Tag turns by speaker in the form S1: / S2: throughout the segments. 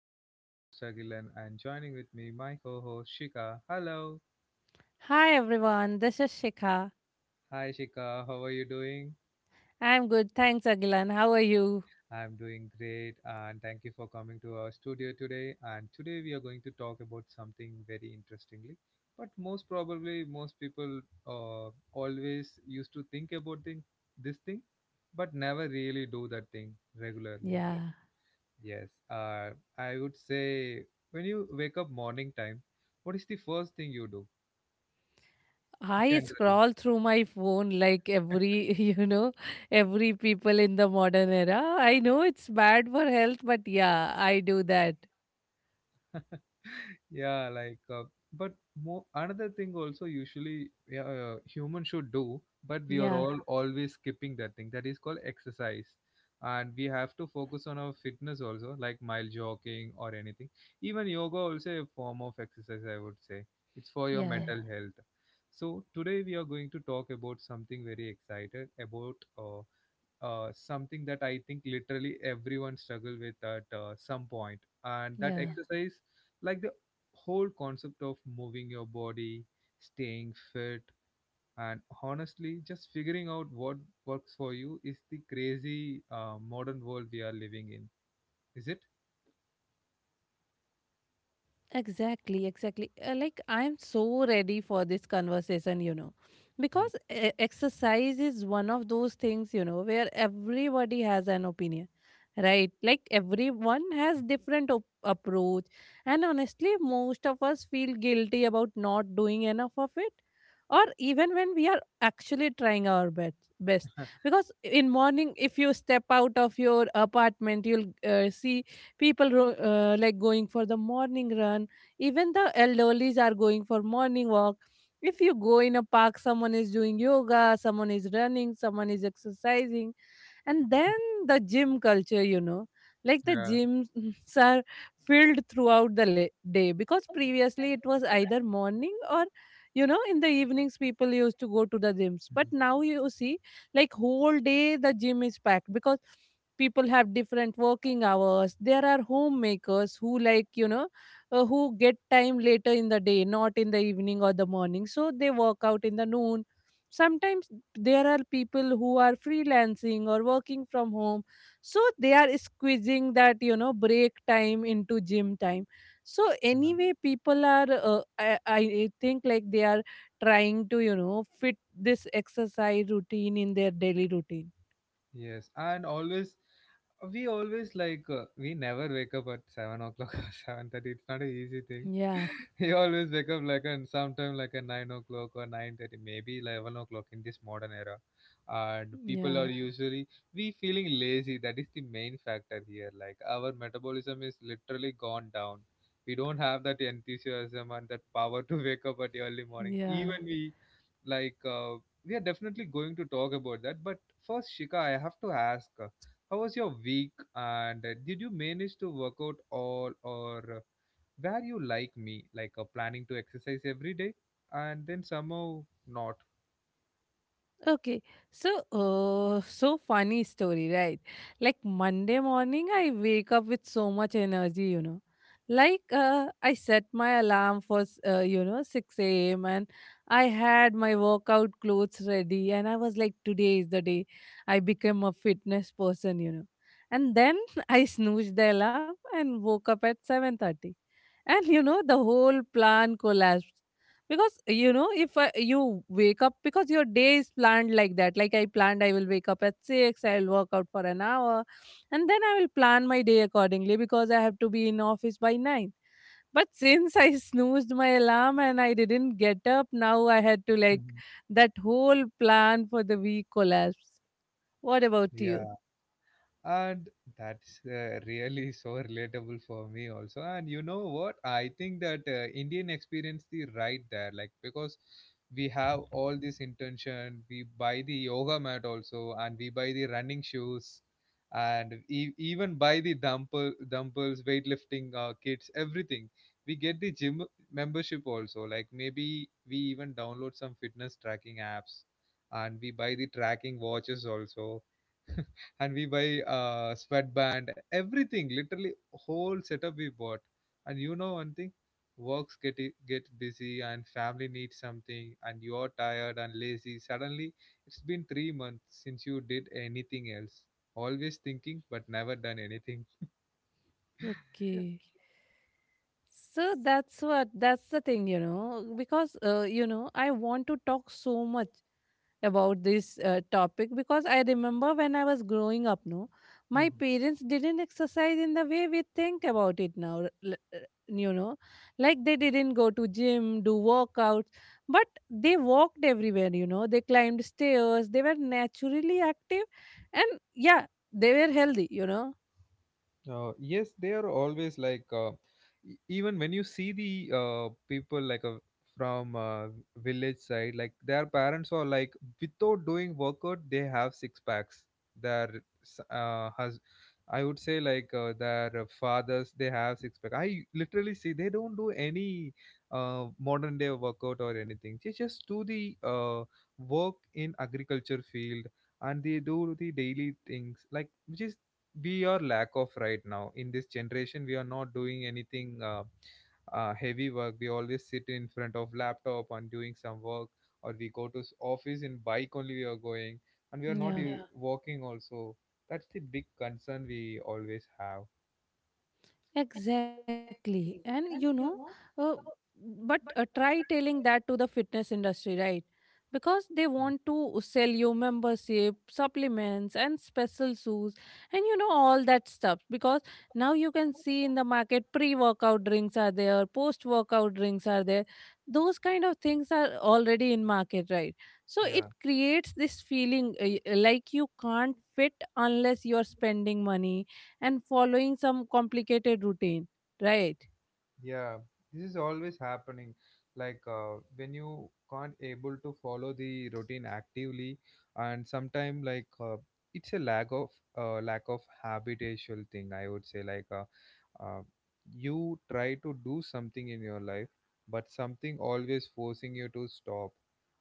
S1: This is your host Agilan and joining with me my co-host Shika. Hello.
S2: Hi everyone, this is Shikha.
S1: Hi Shika, how are you doing?
S2: I'm good, thanks Agilan. How are you?
S1: I'm doing great and thank you for coming to our studio today, and today we are going to talk about something very interestingly, but most probably most people always used to think about this thing but never really do that thing regularly.
S2: Yeah.
S1: Yes. I would say, when you wake up morning time, what is the first thing you do
S2: I
S1: generally?
S2: scroll through my phone like every, you know, every people in the modern era. I know it's bad for health, but yeah, I do that.
S1: Yeah. Like but more another thing also, usually, yeah, humans should do, but we are
S2: Yeah,
S1: all always skipping that thing that is called exercise. And we have to focus on our fitness also, like mile jogging or anything. Even yoga also a form of exercise, I would say. It's for your, yeah,
S2: yeah,
S1: mental health. So today we are going to talk about something very excited about something that I think literally everyone struggle with at some point. And that, yeah,
S2: yeah.
S1: exercise, like the whole concept of moving your body, staying fit, and honestly, just figuring out what works for you is the crazy modern world we are living in. Is it?
S2: Exactly, exactly. Like, I'm so ready for this conversation, you know,
S1: Mm.
S2: because exercise is one of those things, you know, where everybody has an opinion, right? Like, everyone has different approach. And honestly, most of us feel guilty about not doing enough of it. Or even when we are actually trying our best, best, because in morning, if you step out of your apartment, you'll see people like going for the morning run. Even the elderlies are going for morning walk. If you go in a park, someone is doing yoga, someone is running, someone is exercising. And then the gym culture, you know, like the
S1: Yeah.
S2: gyms are filled throughout the day, because previously it was either morning or, you know, in the evenings people used to go to the gyms, but now you see like whole day the gym is packed, because people have different working hours. There are homemakers who, like, you know, who get time later in the day, not in the evening or the morning, so they work out in the noon sometimes. There are people who are freelancing or working from home, so they are squeezing that, you know, break time into gym time. So
S1: Mhm.
S2: anyway, people are, I think like they are trying to, you know, fit this exercise routine in their daily routine.
S1: Yes, and always we always like, we never wake up at 7 o'clock or 7:30. It's not an easy thing.
S2: Yeah,
S1: We always wake up like, and sometime like a 9 o'clock or nine 30, maybe 11 o'clock in this modern era, and people are
S2: yeah,
S1: usually, we feeling lazy. That is the main factor here. Like, our metabolism is literally gone down. We don't have that enthusiasm and that power to wake up at the early morning.
S2: yeah.
S1: Even we like, we are definitely going to talk about that, but first, Shika, I have to ask, how was your week and did you manage to work out all, or were you like me, like planning to exercise every day and then somehow not?
S2: Okay, so so funny story, right? Like Monday morning, I wake up with so much energy, you know. Like, I set my alarm for you know, six a.m., and I had my workout clothes ready, and I was like, today is the day I became a fitness person, you know. And then I snoozed the alarm and woke up at 7:30, and you know the whole plan collapsed, because you know if I, you wake up because your day is planned like that. Like, I planned I will wake up at 6, I'll work out for an hour, and then I will plan my day accordingly because I have to be in office by 9. But since I snoozed my alarm and I didn't get up, now I had to, like,
S1: Mhm.
S2: that whole plan for the week collapsed. What about you?
S1: Yeah. And that's really so relatable for me also. And you know what, I think that Indian experience the right there, like, because we have all this intention. We buy the yoga mat also, and we buy the running shoes, and even buy the dumbbells weightlifting kits, everything. We get the gym membership also, like maybe we even download some fitness tracking apps, and we buy the tracking watches also. And we buy sweatband, everything, literally whole setup we bought. And you know one thing, works get busy and family needs something, and you're tired and lazy. Suddenly, it's been 3 months since you did anything else. Always thinking, but never done anything.
S2: Okay, so that's what, that's the thing, you know, because you know, I want to talk so much about this topic, because I remember when I was growing up, no, my parents didn't exercise in the way we think about it now, you know, like they didn't go to gym, do workouts, but they walked everywhere, you know, they climbed stairs, they were naturally active, and yeah, they were healthy, you know,
S1: Yes, they are always like, even when you see the people like, from village side, like their parents are like, without doing workout, they have six packs. Their s- uh, hus- I would say, like, their fathers, they have six pack. I literally see they don't do any modern day workout or anything. They just do the work in agriculture field, and they do the daily things, like, which is we are lack of right now. In this generation we are not doing anything heavy work. We always sit in front of laptop and doing some work, or we go to office in bike only we are going, and we are not
S2: yeah.
S1: walking also. That's the big concern we always have.
S2: Exactly. And you know, uh, but try telling that to the fitness industry, right? Because they want to sell you membership, supplements, and special shoes, and you know, all that stuff. Because now you can see in the market, pre workout drinks are there, post workout drinks are there. Those kind of things are already in market, right? So it
S1: Yeah.
S2: creates this feeling like you can't fit unless you're spending money and following some complicated routine, right?
S1: Yeah, this is always happening. Like, when you can't able to follow the routine actively, and sometime, like, it's a lack of habitual thing, I would say, like, uh, you try to do something in your life, but something always forcing you to stop.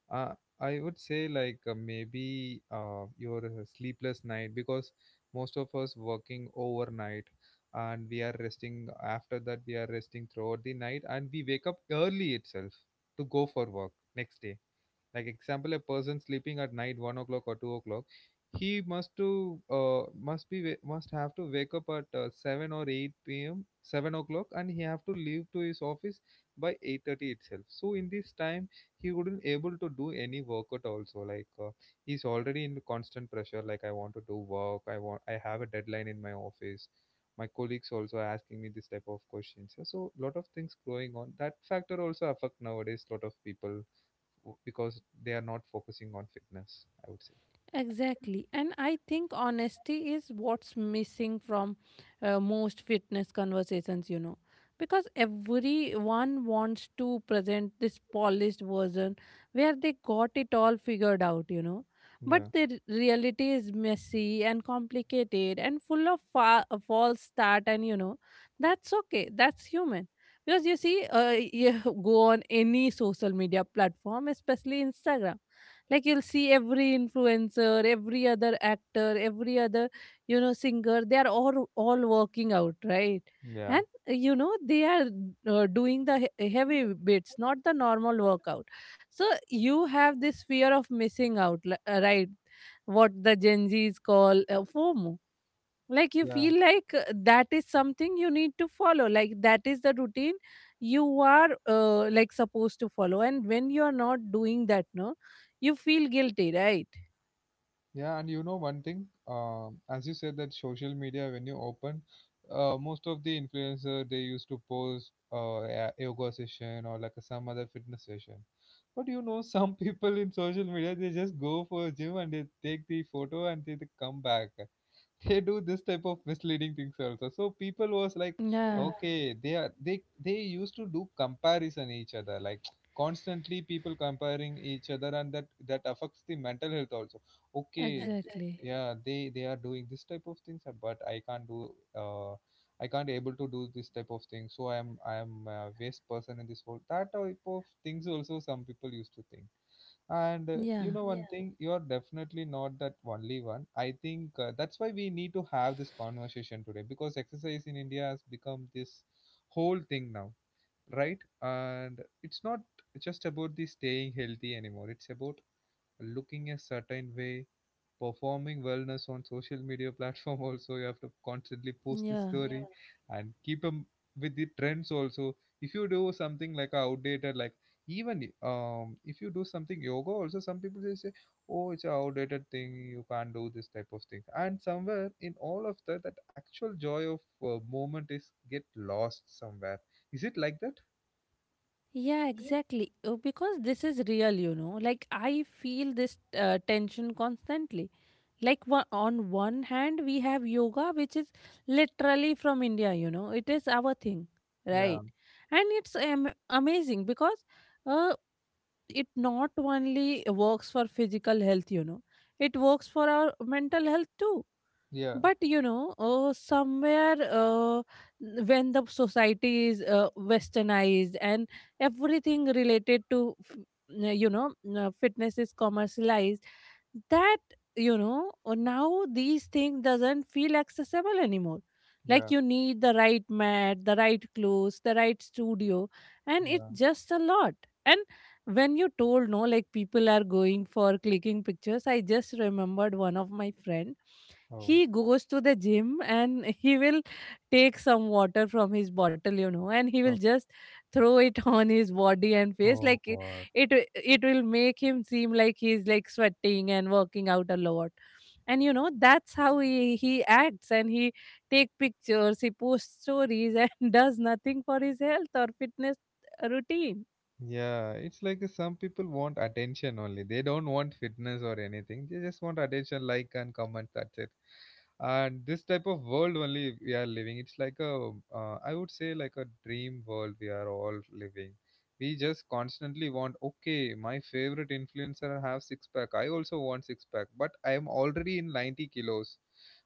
S1: Uh, I would say, like, maybe your sleepless night, because most of us working overnight. And we are resting after that, we are resting throughout the night, and we wake up early itself to go for work next day. Like, example, a person sleeping at night 1 o'clock or 2 o'clock, he must to must be wa- must have to wake up at 7 or 8 p.m 7 o'clock, and he have to leave to his office by 8:30 itself. So in this time, he wouldn't able to do any workout also. Like, he's already in constant pressure. Like, I want to do work, I have a deadline in my office. My colleagues also are asking me this type of questions. So a lot of things going on, that factor also affect nowadays. Lot of people because they are not focusing on fitness, I would say.
S2: Exactly. And I think honesty is what's missing from most fitness conversations, you know, because everyone wants to present this polished version where they got it all figured out, you know. But
S1: Yeah,
S2: the reality is messy and complicated and full of false start, and you know, that's okay. That's human. Because you see, you go on any social media platform, especially Instagram, like you'll see every influencer, every other actor, every other, you know, singer, they are all working out, right?
S1: yeah,
S2: And you know, they are doing the heavy bits, not the normal workout. So you have this fear of missing out, right, what the gen z's call fomo. Like you
S1: yeah,
S2: feel like that is something you need to follow, like that is the routine you are like supposed to follow, and when you are not doing that, no, you feel guilty, right?
S1: yeah. And you know one thing, as you said, that social media, when you open, most of the influencer they used to post a yoga session or like a, some other fitness session. But you know, some people in social media, they just go for a gym and they take the photo, and they come back. They do this type of misleading things also, so people was like,
S2: Yeah,
S1: okay, they are they used to do comparison each other. Like, constantly people comparing each other, and that affects the mental health also. Okay.
S2: exactly.
S1: Yeah, they are doing this type of things, but I can't able to do this type of thing. So I am a waste person in this world, that type of things also some people used to think. And
S2: Yeah,
S1: you know one, yeah, thing, you are definitely not that only one. I think that's why we need to have this conversation today, because exercise in India has become this whole thing now, right? And it's not just about the staying healthy anymore. It's about looking a certain way, performing wellness on social media platform. Also, you have to constantly post the, yeah,
S2: yeah.
S1: story, yeah, and keep them with the trends also. If you do something like outdated, like, even if you do something yoga also, some people they say, oh, it's an outdated thing, you can't do this type of thing. And somewhere in all of that, that actual joy of moment is get lost somewhere. Is it like that?
S2: Yeah, exactly. Because this is real, you know. Like, I feel this tension constantly. Like, on one hand, we have yoga, which is literally from India, you know. It is our thing,
S1: Yeah,
S2: right? And it's amazing because uh, it not only works for physical health, you know, it works for our mental health too.
S1: yeah,
S2: But you know, somewhere, when the society is westernized and everything related to, you know, fitness is commercialized, that, you know, now these things doesn't feel accessible anymore. Like
S1: yeah,
S2: you need the right mat, the right clothes, the right studio, and it's
S1: yeah.
S2: just a lot. And when you told no, like people are going for clicking pictures, I just remembered one of my friend,
S1: Oh.
S2: he goes to the gym and he will take some water from his bottle, you know, and he will
S1: Oh.
S2: just throw it on his body and face
S1: Oh
S2: like
S1: god.
S2: it, it will make him seem like he's like sweating and working out a lot. And you know that's how he acts and he take pictures, he posts stories, and does nothing for his health or fitness routine.
S1: Yeah, it's like some people want attention only. They don't want fitness or anything. They just want attention, like and comment. That's it. And this type of world only we are living. It's like I would say, like a dream world we are all living. We just constantly want. Okay, my favorite influencer have six pack. I also want six pack, but I am already in 90 kilos.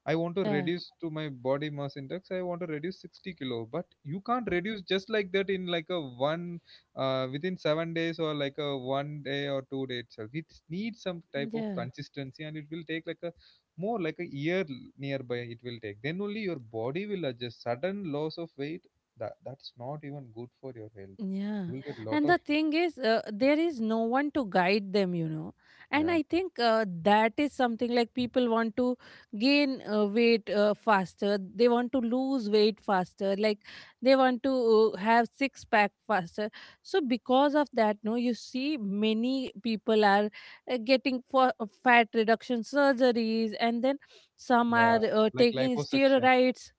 S1: I want to
S2: Yeah,
S1: reduce to my body mass index. I want to reduce 60 kilo, but you can't reduce just like that in like a one within 7 days or like a one day or 2 day itself. It needs some type of
S2: yeah.
S1: consistency, and it will take like a, more like a year nearby it will take. Then only your body will adjust. Sudden loss of weight, that's not even good for your health. You
S2: Yeah.
S1: will get lot
S2: And
S1: of.
S2: the thing is, there is no one to guide them, you know. And
S1: Yeah.
S2: I think that is something like people want to gain weight faster. They want to lose weight faster. Like they want to have six pack faster. So, because of that, no, you see many people are getting for fat reduction surgeries, and then some
S1: Yeah.
S2: are
S1: Like
S2: taking
S1: liposuction.
S2: steroids.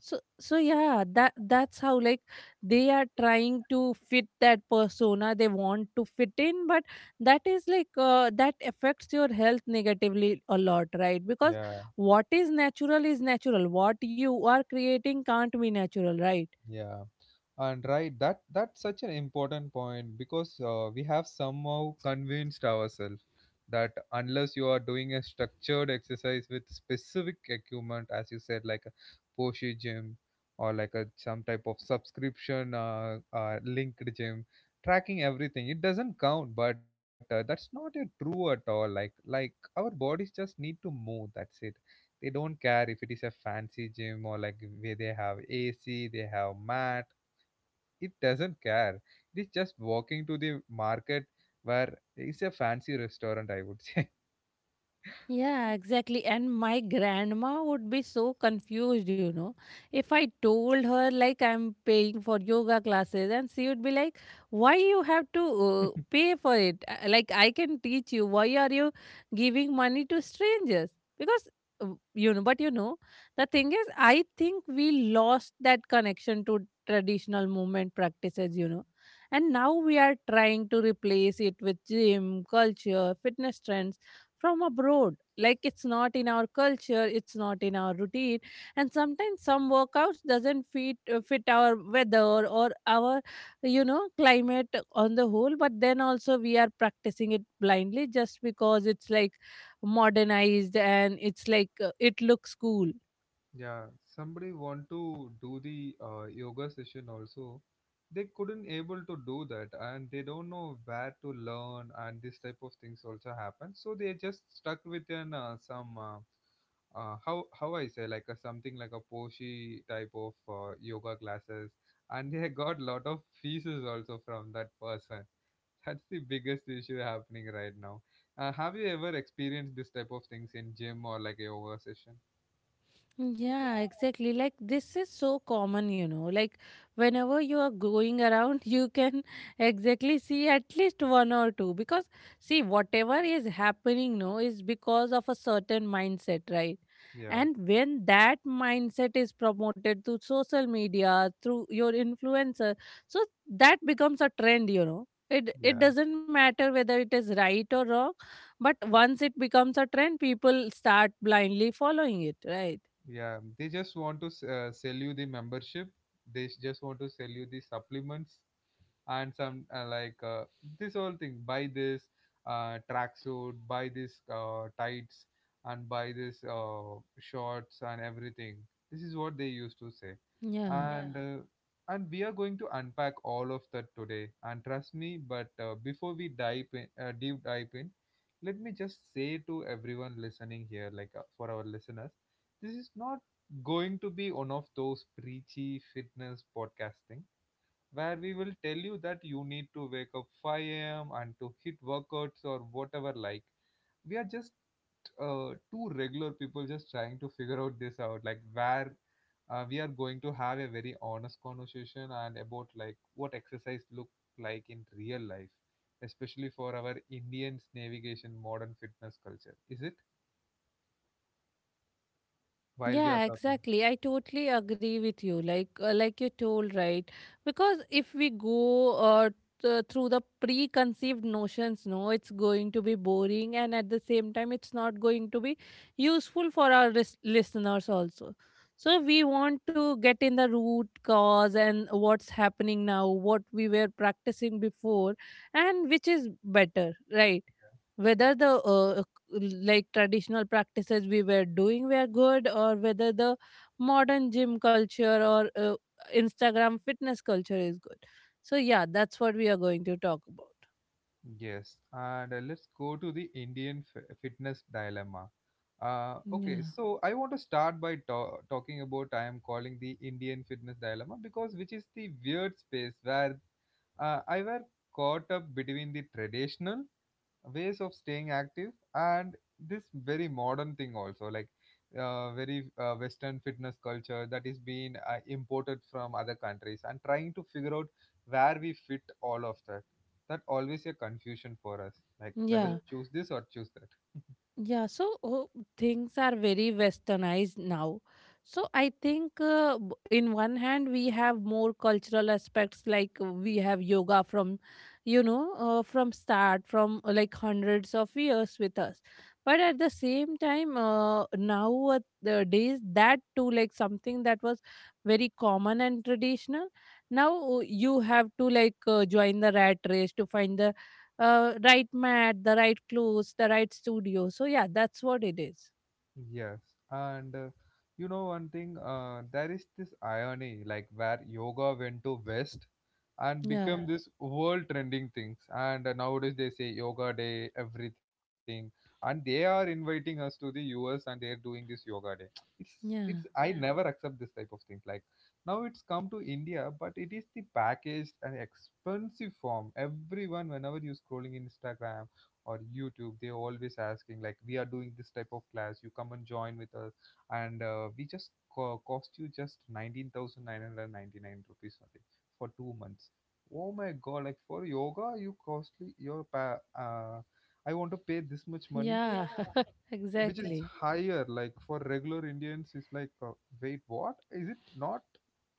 S2: So so yeah, that that's how like they are trying to fit that persona they want to fit in, but that is like that affects your health negatively a lot, right? Because
S1: Yeah,
S2: what is natural is natural. What you are creating can't be natural, right?
S1: yeah. And right, that's such an important point because we have somehow convinced ourselves that unless you are doing a structured exercise with specific equipment, as you said, like a Porsche gym, or like a, some type of subscription linked gym tracking everything, it doesn't count. But that's not a true at all. Like, our bodies just need to move, that's it. They don't care if it is a fancy gym, or like, where they have AC, they have mat, it doesn't care. It is just walking to the market where it's a fancy restaurant, I would say.
S2: Yeah, exactly. And my grandma would be so confused, you know. If I told her like I'm paying for yoga classes, and she would be like, "Why you have to pay for it? Like I can teach you. Why are you giving money to strangers?" Because but you know, the thing is I think we lost that connection to traditional movement practices, you know. And now we are trying to replace it with gym, culture, fitness trends from abroad, like it's not in our culture, it's not in our routine. And sometimes some workouts doesn't fit our weather or our, you know, climate on the whole. But then also we are practicing it blindly just because it's like modernized and it's like it looks cool.
S1: Yeah, somebody want to do the yoga session also. They couldn't able to do that, and they don't know where to learn, and this type of things also happen. So they just stuck within some how I say like a, something like a Poshi type of yoga classes, and they got lot of fees also from that person. That's the biggest issue happening right now. Have you ever experienced this type of things in gym or like a yoga session?
S2: Yeah, exactly. Like this is so common, you know. Like whenever you are going around, you can exactly see at least one or two, because see whatever is happening no is because of a certain mindset, right?
S1: Yeah,
S2: And when that mindset is promoted through social media, through your influencer, so that becomes a trend, you know. It
S1: yeah.
S2: doesn't matter whether it is right or wrong, but once it becomes a trend, people start blindly following it, right?
S1: Yeah, they just want to sell you the membership. They just want to sell you the supplements and some like this whole thing. Buy this tracksuit, buy this tights, and buy this shorts and everything. This is what they used to say,
S2: Yeah.
S1: and, yeah, And we are going to unpack all of that today. And trust me, but before we dive in, deep dive in, let me just say to everyone listening here, for our listeners this is not going to be one of those preachy fitness podcasting where we will tell you that you need to wake up 5 a.m. and to hit workouts or whatever. Like, we are just two regular people just trying to figure out this out, like, where we are going to have a very honest conversation and about like what exercise look like in real life, especially for our indians navigation modern fitness culture, is it while we are
S2: Yeah,
S1: talking.
S2: exactly. I totally agree with you. Like like you told, right? Because if we go through the preconceived notions, no, it's going to be boring, and at the same time it's not going to be useful for our listeners also. So we want to get in the root cause and what's happening now, what we were practicing before, and which is better, right? Whether the uh, like traditional practices we were doing were good, or whether the modern gym culture or Instagram fitness culture is good. So yeah, that's what we are going to talk about.
S1: Yes, and let's go to the Indian fitness dilemma. Okay,
S2: Yeah,
S1: so I want to start by talking about I am calling the Indian fitness dilemma because which is the weird space where I were caught up between the traditional ways of staying active and this very modern thing also, like very western fitness culture that is being imported from other countries, and trying to figure out where we fit all of that. That always a confusion for us, like whether
S2: yeah.
S1: choose this or choose that.
S2: Yeah, so oh, things are very westernized now. So I think, in one hand, we have more cultural aspects. Like we have yoga from, you know, from start from like hundreds of years with us. But at the same time, now the days that too, like something that was very common and traditional. Now you have to like join the rat race to find the right mat, the right clothes, the right studio. So yeah, that's what it is.
S1: Yes, and you know one thing, there is this irony like where yoga went to west and
S2: Yeah,
S1: become this world trending things, and nowadays they say yoga day everything, and they are inviting us to the us and they're doing this yoga day. it's
S2: yeah,
S1: it's I never accept this type of things. Like, now it's come to india, but it is the packaged and expensive form. Everyone, whenever you're scrolling instagram or youtube, they're always asking like we are doing this type of class, you come and join with us, and we just cost you just 19,999 rupees only for 2 months. Oh my god, like for yoga, you costly your pa I want to pay this much money,
S2: yeah,
S1: which is
S2: exactly.
S1: higher. Like for regular Indians, it's like, wait, what? Is it not?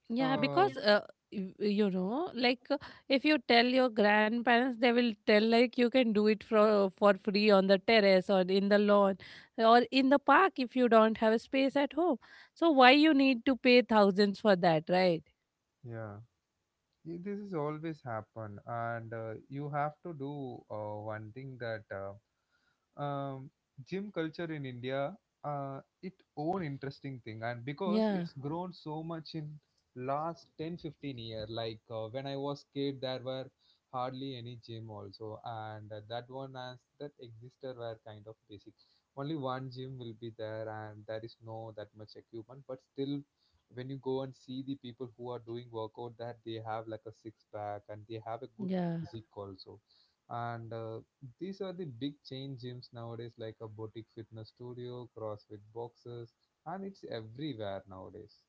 S2: Yeah,
S1: Uh,
S2: because y- you know, like uh, if you tell your grandparents, they will tell like you can do it for free on the terrace or in the lawn or in the park if you don't have a space at home. So why you need to pay thousands for that, right?
S1: yeah, yeah. This is always happen, and you have to do one thing that gym culture in india, uh, it own interesting thing, and because
S2: Yeah,
S1: it's grown so much in last ten fifteen 15 year. Like when I was kid there were hardly any gym also, and that one as that existed were kind of basic. Only one gym will be there and there is no that much equipment, but still when you go and see the people who are doing workout, that they have like a six pack and they have a good
S2: yeah.
S1: physique also. And these are the big chain gyms nowadays, like a boutique fitness studio, crossfit boxes, and it's everywhere nowadays.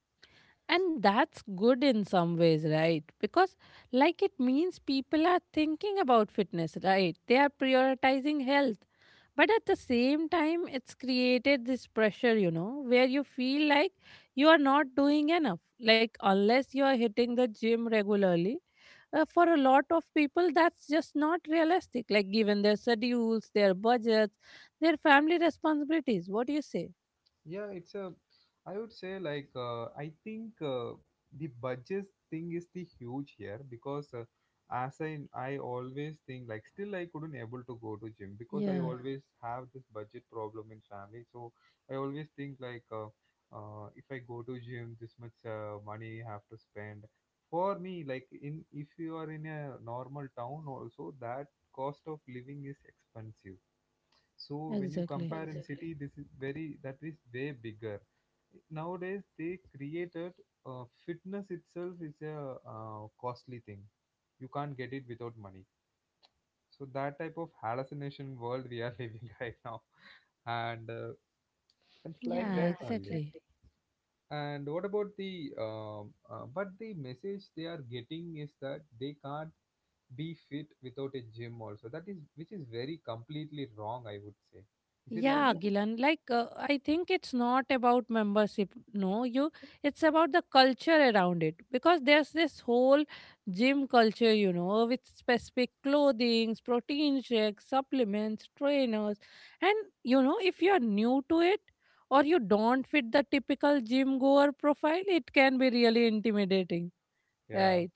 S2: And that's good in some ways, right? Because, like, it means people are thinking about fitness, right? They are prioritizing health. But at the same time, it's created this pressure, you know, where you feel like you are not doing enough. Like, unless you are hitting the gym regularly, for a lot of people, that's just not realistic. Like, given their schedules, their budgets, their family responsibilities. What do you say?
S1: Yeah, it's a. I would say like I think the budget thing is the huge here, because as I always think, like still I couldn't able to go to gym because I
S2: Yeah,
S1: always have this budget problem in family. So I always think like if I go to gym, this much money I have to spend. For me, like in if you are in a normal town also, that cost of living is expensive. So when you
S2: exactly.
S1: compare in city, this is very that is way bigger. Nowadays they created fitness itself is a costly thing. You can't get it without money. So that type of hallucination world we are living right now, and
S2: Yeah,
S1: it's like that
S2: exactly.
S1: only. And what about the but the message they are getting is that they can't be fit without a gym also. That is which is very completely wrong, I would say. Is it like
S2: Yeah,
S1: that?
S2: Gilan, like I think it's not about membership. No, you it's about the culture around it because there's this whole gym culture, you know, with specific clothing, protein shakes, supplements, trainers. And you know, if you're new to it or you don't fit the typical gym goer profile, it can be really intimidating,
S1: Yeah.
S2: right?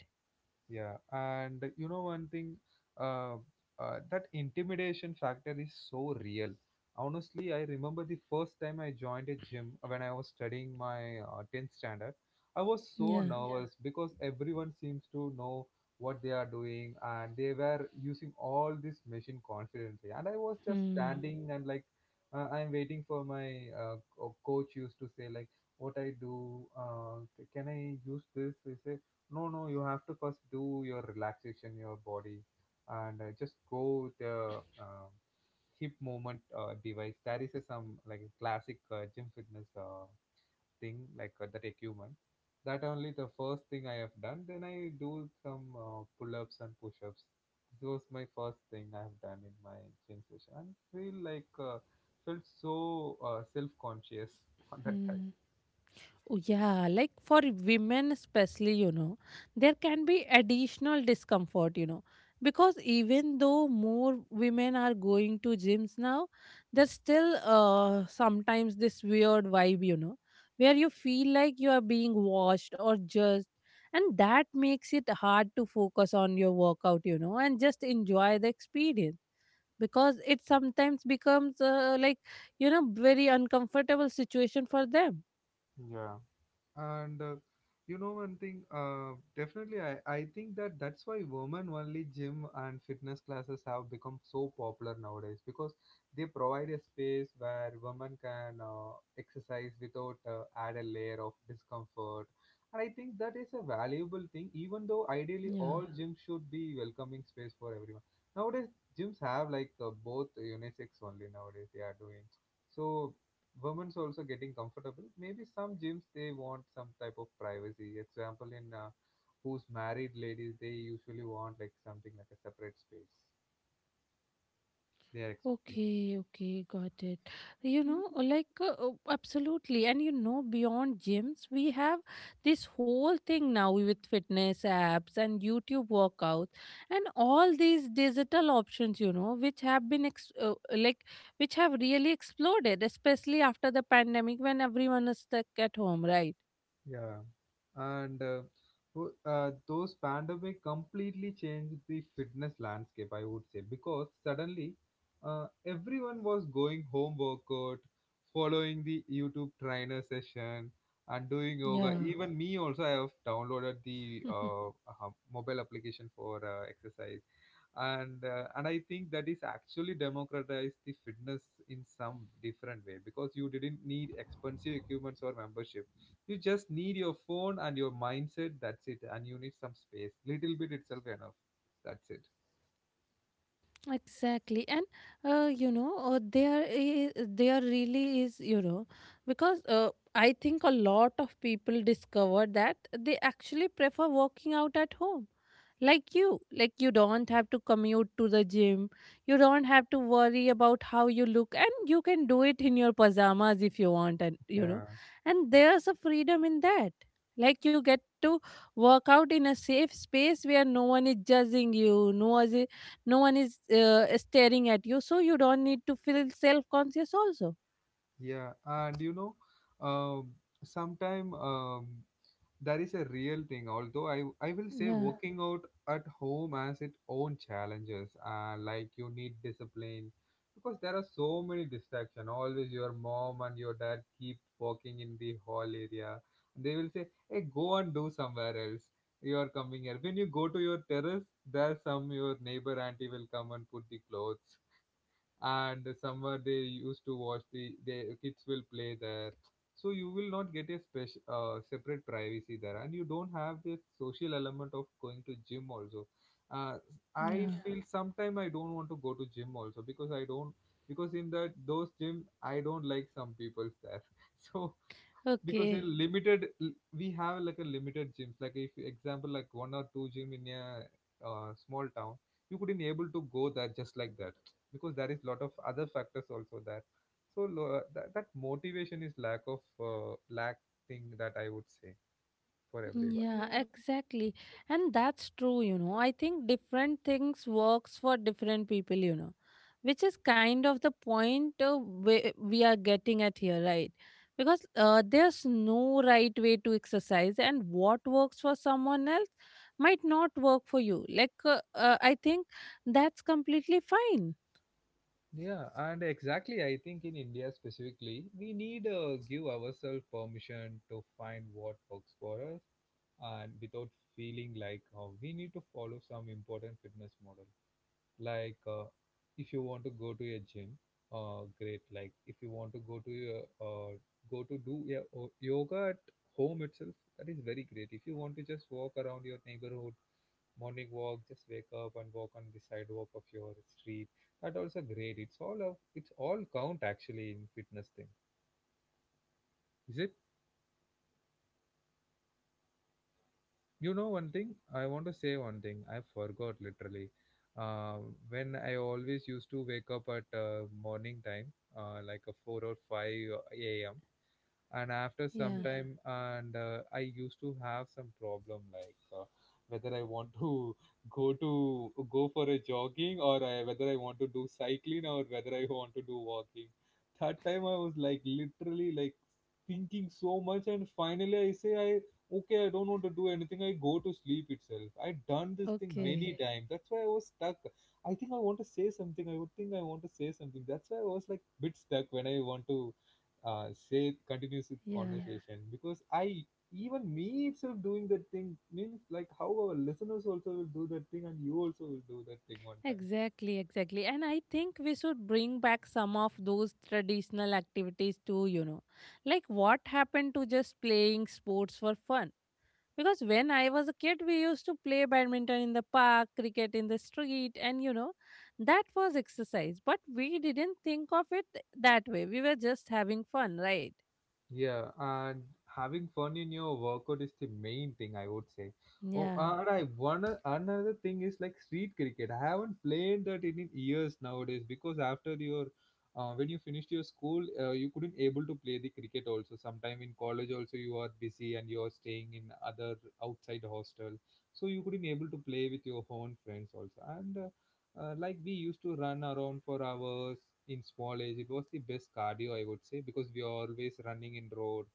S1: Yeah, and you know one thing, uh, that intimidation factor is so real. Honestly, I remember the first time I joined a gym when I was studying my 10th standard. I was so, yeah,
S2: Yeah.
S1: nervous because everyone seems to know what they are doing and they were using all this machine confidently. And I was just, mm,
S2: Hmm.
S1: standing and like I'm waiting for my coach used to say like what I do, can I use this? They say no no you have to first do your relaxation your body, and just go the uh, hip movement device. There is a, some like a classic gym fitness thing, like that equipment. That only the first thing I have done, then I do some pull-ups and push-ups. This was my first thing I have done in my gym session, and feel like felt so self-conscious on that
S2: Oh, yeah, like for women especially, you know, there can be additional discomfort, you know, because even though more women are going to gyms now, there's still sometimes this weird vibe, you know, where you feel like you are being watched or judged, and that makes it hard to focus on your workout, you know, and just enjoy the experience because it sometimes becomes like, you know, very uncomfortable situation for them.
S1: time. And you know one thing, definitely I think that that's why women only gym and fitness classes have become so popular nowadays, because they provide a space where women can exercise without add a layer of discomfort. And I think that is a valuable thing, even though ideally
S2: Yeah.
S1: all gyms should be welcoming space for everyone. Nowadays gyms have like both unisex only nowadays they are doing, so women's also getting comfortable. Maybe some gyms they want some type of privacy. Example in who's married ladies they usually want like something like a separate space. They are expecting.
S2: Okay, okay, got it. You know, like, absolutely. And you know, beyond gyms, we have this whole thing now with fitness apps and YouTube workouts and all these digital options, you know, which have been, ex- like, which have really exploded, especially after the pandemic when everyone is stuck at home, right?
S1: Yeah. And those pandemic completely changed the fitness landscape, I would say, because suddenly everyone was going home workout, following the youtube trainer session and doing yoga.
S2: Yeah.
S1: Even me also, I have downloaded the mobile application for exercise. And I think that is actually democratized the fitness in some different way, because you didn't need expensive equipments or membership, you just need your phone and your mindset, that's it, and you need some space little bit itself enough, that's it.
S2: Exactly, and you know there is there really is you know because I think a lot of people discover that they actually prefer working out at home, like you don't have to commute to the gym, you don't have to worry about how you look, and you can do it in your pajamas if you want, and you know,
S1: Yeah,
S2: and there's a freedom in that. Like you get to work out in a safe space where no one is judging you, no one is staring at you so you don't need to feel self conscious also.
S1: yeah, and you know, um, sometime, um, that is a real thing, although i will say, yeah,
S2: Yeah.
S1: working out at home has its own challenges, like you need discipline because there are so many distractions. Always your mom and your dad keep walking in the hall area, they will say hey go and do somewhere else, you are coming here. When you go to your terrace, there's some your neighbor auntie will come and put the clothes, and somewhere they used to watch the kids will play there. So you will not get a special separate privacy there, and you don't have the social element of going to gym also. uh, I
S2: Yeah.
S1: feel sometime I don't want to go to gym also because I don't, because in that those gym I don't like some people's there. So because a
S2: Okay,
S1: limited we have like a limited gyms, like if example like one or two gym in a small town, you couldn't able to go there just like that, because there is lot of other factors also there. So that motivation is lack of lack thing, that I would say, for
S2: yeah,
S1: everyone.
S2: exactly, and that's true, you know. I think different things works for different people, you know, which is kind of the point we are getting at here, right? Because there's no right way to exercise, and what works for someone else might not work for you. Like I think that's completely fine.
S1: Yeah, and exactly, I think in India specifically, we need give ourselves permission to find what works for us, and without feeling like we need to follow some important fitness model. Like if you want to go to a gym, great. Like if you want to go to your go to do your yoga at home itself, that is very great. If you want to just walk around your neighborhood morning walk, just wake up and walk on the sidewalk of your street, that also great. It's all a, it's all count actually in fitness thing, is it. You know one thing? I want to say one thing. I forgot literally. Uh, when I always used to wake up at morning time, like a 4 or 5 a.m, and after some
S2: Yeah.
S1: time and I used to have some problem, like whether I want to go to go for a jogging, or I, whether I want to do cycling, or whether I want to do walking. That time I was like literally like thinking so much, and finally I say I okay I don't want to do anything, I go to sleep itself. I done this thing many
S2: Okay.
S1: times, that's why I was stuck. I think I want to say something, I would think I want to say something, that's why I was like bit stuck when I want to say continues with, yeah,
S2: Yeah.
S1: conversation. Because I, even me itself doing that thing, means like how our listeners also will do that thing, and you also will do that thing one time.
S2: Exactly, exactly. And I think we should bring back some of those traditional activities too, you know. Like what happened to just playing sports for fun? Because when I was a kid, we used to play badminton in the park, cricket in the street, and you know, that was exercise. But we didn't think of it that way. We were just having fun, right?
S1: Yeah, and having fun in your workout is the main thing, I would say. Oh,
S2: Yeah.
S1: and I one another thing is like street cricket. I haven't played that in years nowadays because after your when you finished your school, you couldn't able to play the cricket also. Sometime in college also you are busy and you are staying in other outside hostel, so you couldn't able to play with your own friends also. And Like we used to run around for hours in small age. It was the best cardio, I would say, because we are always running in road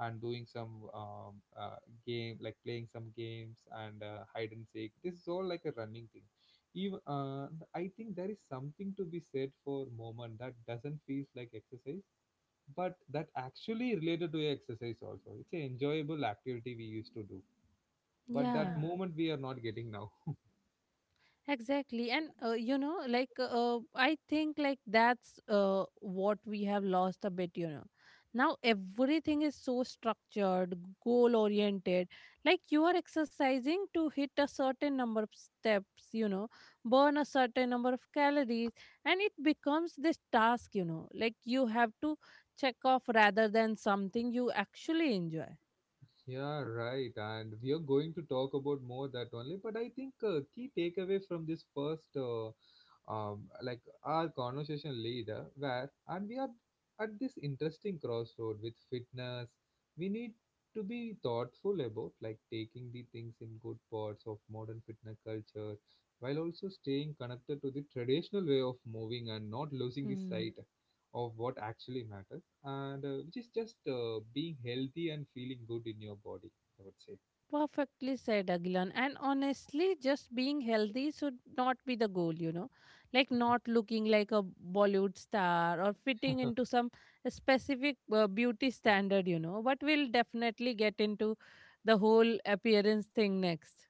S1: and doing some game, like playing some games and hide and seek. This is all like a running thing. Even I think there is something to be said for moment that doesn't feel like exercise, but that actually related to exercise also. It's an enjoyable activity we used to do, but that
S2: Yeah.
S1: moment we are not getting now.
S2: Exactly. And, you know, like, I think, like, that's what we have lost a bit, you know. Now everything is so structured, goal oriented. Like, you are exercising to hit a certain number of steps, you know, burn a certain number of calories. And it becomes this task, you know, like, you have to check off rather than something you actually enjoy.
S1: Yeah, right. And we are going to talk about more that only. But I think key takeaway from this first like our conversation leader, where and we are at this interesting crossroad with fitness. We need to be thoughtful about like taking the things in good parts of modern fitness culture, while also staying connected to the traditional way of moving and not losing the sight of what actually matters, and which is just being healthy and feeling good in your body, I would say.
S2: Perfectly said, Agilan. And honestly, just being healthy should not be the goal, you know. Like not looking like a Bollywood star or fitting into some specific beauty standard, you know. But we'll definitely get into the whole appearance thing next.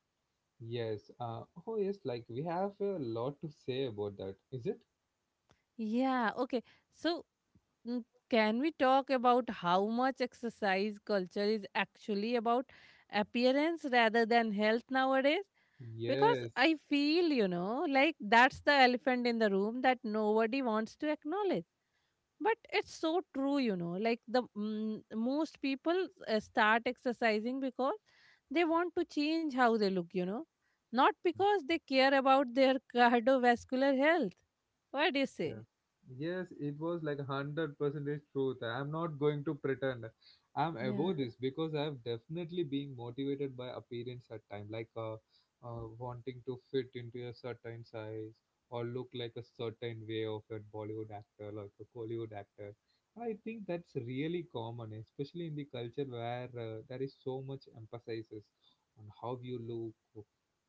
S1: Yes. Oh yes, like we have a lot to say about that, is it?
S2: Yeah, okay. So, mm, can we talk about how much exercise culture is actually about appearance rather than health nowadays? Because
S1: Yes.
S2: I feel, you know, like that's the elephant in the room that nobody wants to acknowledge. But it's so true, you know, like the most people start exercising because they want to change how they look, you know, not because they care about their cardiovascular health. What do you say?
S1: Yes, yes, it was like hundred percentage truth. I'm not going to pretend I'm above
S2: Yeah.
S1: this because I've definitely been motivated by appearance at time, like wanting to fit into a certain size or look like a certain way of a Bollywood actor, like a Hollywood actor. I think that's really common, especially in the culture where there is so much emphasis on how you look,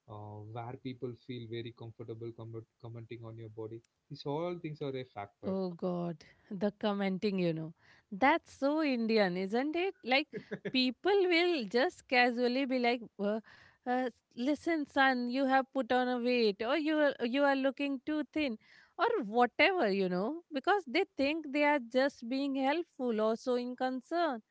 S1: where people feel very comfortable commenting on your body. These all things are a factor.
S2: Oh God, the commenting, you know. That's so Indian, isn't it? Like, people will just casually be like, uh, listen, son, you have put on a weight, or you are looking too thin, or whatever, you know, because they think they are just being helpful or showing concern.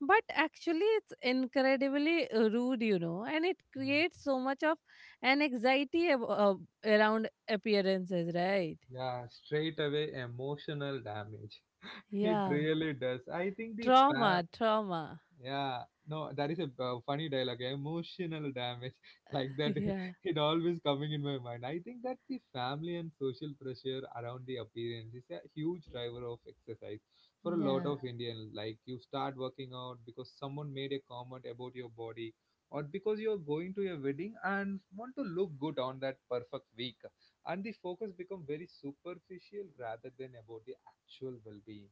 S2: But actually, it's incredibly rude, you know, and it
S1: Mm.
S2: creates so much of an anxiety around appearances, right?
S1: Yeah, straight away emotional damage. It
S2: Yeah.
S1: really does. I think the
S2: Trauma,
S1: fa-
S2: trauma.
S1: Yeah, no, that is a funny dialogue. Emotional damage, like that,
S2: Yeah,
S1: it always coming in my mind. I think that the family and social pressure around the appearance is a huge driver of exercise for a lot
S2: yeah.
S1: of Indian. Like you start working out because someone made a comment about your body, or because you're going to a wedding and want to look good on that perfect week, and the focus become very superficial rather than about the actual well-being.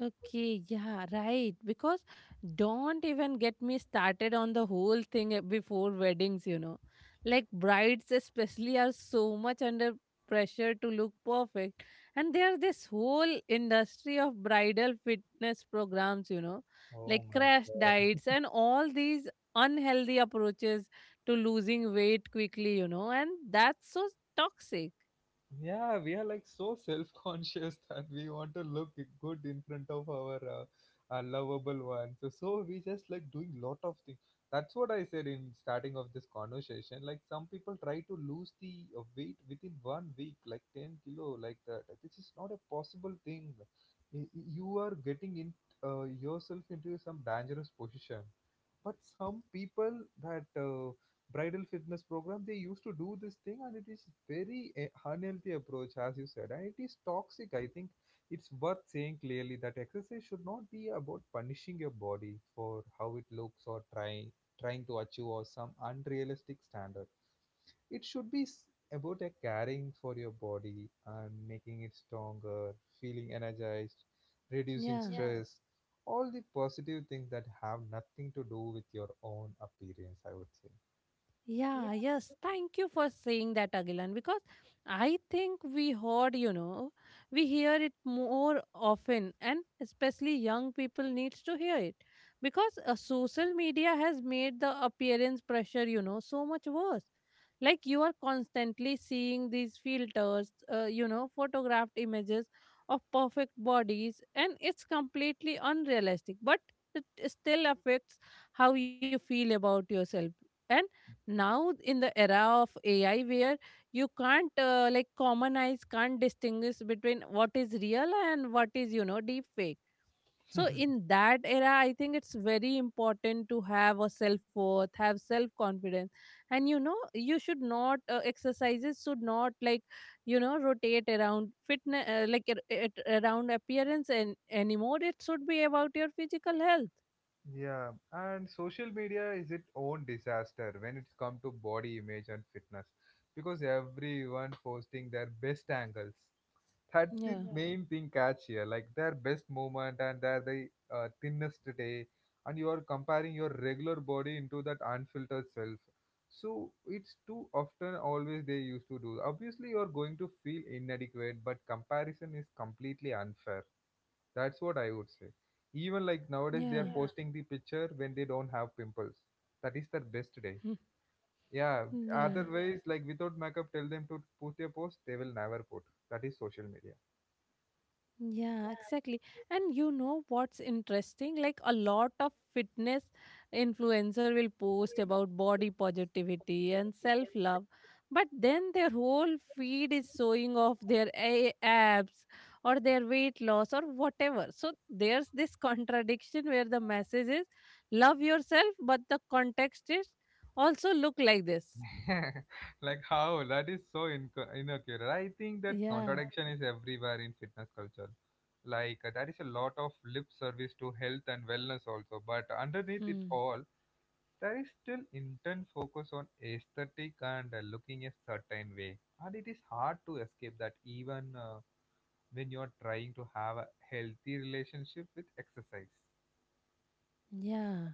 S2: Okay, yeah, right. Because don't even get me started on the whole thing before weddings, you know. Like brides, especially, are so much under pressure to look perfect. And there's this whole industry of bridal fitness programs, you know,
S1: Oh
S2: like
S1: my
S2: crash
S1: God.
S2: diets and all these unhealthy approaches to losing weight quickly, you know, and that's so toxic.
S1: Yeah, we are like so self-conscious that we want to look good in front of our lovable one. So we just like doing lot of things. That's what I said in starting of this conversation. Like some people try to lose the weight within 1 week like 10 kilo, like that. This is not a possible thing. You are getting in yourself into some dangerous position, but some people, that bridal fitness program, they used to do this thing, and it is very unhealthy approach as you said, and it is toxic. I think it's worth saying clearly that exercise should not be about punishing your body for how it looks or trying to achieve or some unrealistic standard. It should be s- About a caring for your body and making it stronger, feeling energized, reducing
S2: Yeah.
S1: stress, all the positive things that have nothing to do with your own appearance, I would say.
S2: Yeah, yes. Thank you for saying that, Agilan, because I think we heard, you know, we hear it more often, and especially young people needs to hear it because social media has made the appearance pressure, you know, so much worse. Like you are constantly seeing these filters, you know, photographed images of perfect bodies, and it's completely unrealistic, but it still affects how you feel about yourself now in the era of ai where you can't like common eyes can't distinguish between what is real and what is, you know, deep fake. So in that era I think it's very important to have a self worth, have self confidence, and you know you should not, exercises should not like, you know, rotate around fitness, around appearance and anymore. It should be about your physical health.
S1: Yeah, and social media is its own disaster when it's come to body image and fitness, because everyone posting their best angles. That's the
S2: Yeah,
S1: main thing catch here, like their best moment and their the thinnest day, and you are comparing your regular body into that unfiltered self. So it's too often always they used to do. Obviously, you are going to feel inadequate, but comparison is completely unfair. That's what I would say. Even like nowadays, they are,
S2: yeah.
S1: yeah, posting the picture when they don't have pimples. That is their best day. Yeah, yeah,
S2: Yeah.
S1: otherwise, yeah, like without makeup, tell them to put a post, they will never put. That is social media.
S2: Yeah, exactly. And you know what's interesting? Like a lot of fitness influencer will post about body positivity and self-love, but then their whole feed is showing off their abs or their weight loss or whatever. So there's this contradiction where the message is love yourself, but the context is also look like this.
S1: Like how? That is so inaccurate. I think that
S2: Yeah.
S1: contradiction is everywhere in fitness culture. Like there is a lot of lip service to health and wellness also, but underneath it
S2: Hmm.
S1: all, there is still intense focus on aesthetic and looking a certain way, and it is hard to escape that even when you are trying to have a healthy relationship with exercise.
S2: Yeah.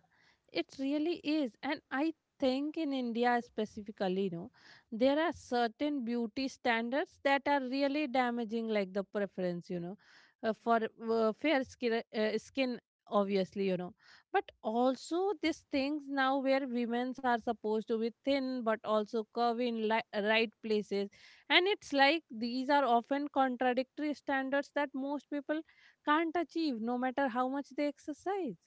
S2: It really is. And I think in India specifically, you know, there are certain beauty standards that are really damaging, like the preference, you know, for fair skin, skin, obviously, you know. But also, these things now where women's are supposed to be thin but also curvy in right places. And it's like these are often contradictory standards that most people can't achieve no matter how much they exercise.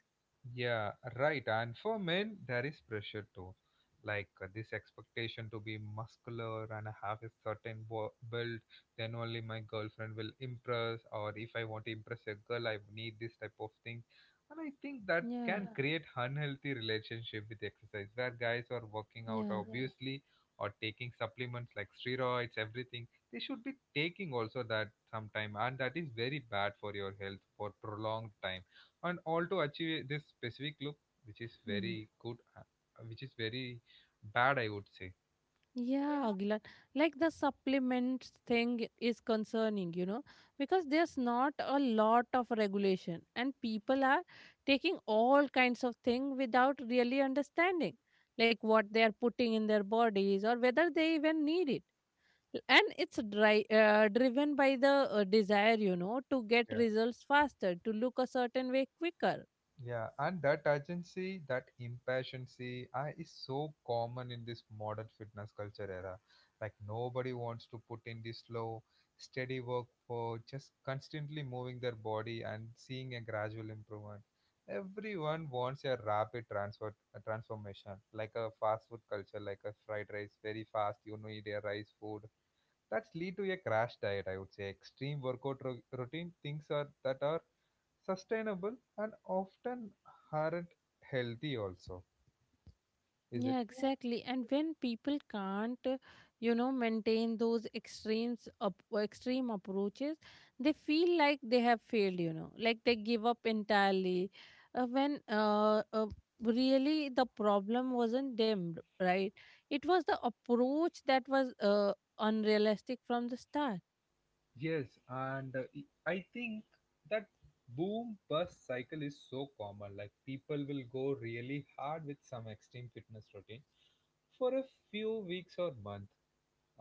S1: Yeah, right. And for men, there is pressure too. Like this expectation to be muscular and have a certain build, then only my girlfriend will impress, or if I want to impress a girl, I need this type of thing. And I think that
S2: Yeah,
S1: can, yeah, create unhealthy relationship with exercise, where guys are working out,
S2: yeah.
S1: yeah, obviously, or taking supplements like steroids, everything. They should be taking also that sometime, and that is very bad for your health for prolonged time and all to achieve this specific look, which is
S2: Mhm.
S1: very good which is very bad, I would say.
S2: Yeah, Aguilar. Like the supplements thing is concerning, you know, because there's not a lot of regulation and people are taking all kinds of thing without really understanding like what they are putting in their bodies or whether they even need it. And it's driven by the desire, you know, to get
S1: Yeah,
S2: results faster, to look a certain way quicker.
S1: yeah, and that urgency, that impatiency, is so common in this modern fitness culture era. Like nobody wants to put in this slow, steady work for just constantly moving their body and seeing a gradual improvement. Everyone wants a rapid transfer a transformation, like a fast food culture, like a fried rice, very fast. You need a rice food. That's lead to a crash diet, I would say, extreme workout routine, things are that are sustainable and often aren't healthy also, is it?
S2: Yeah, exactly. And when people can't, you know, maintain those extremes, extreme approaches, they feel like they have failed. You know, like they give up entirely. When Really the problem wasn't them, right? It was the approach that was unrealistic from the start.
S1: Yes, and I think that boom bust cycle is so common. Like people will go really hard with some extreme fitness routine for a few weeks or months.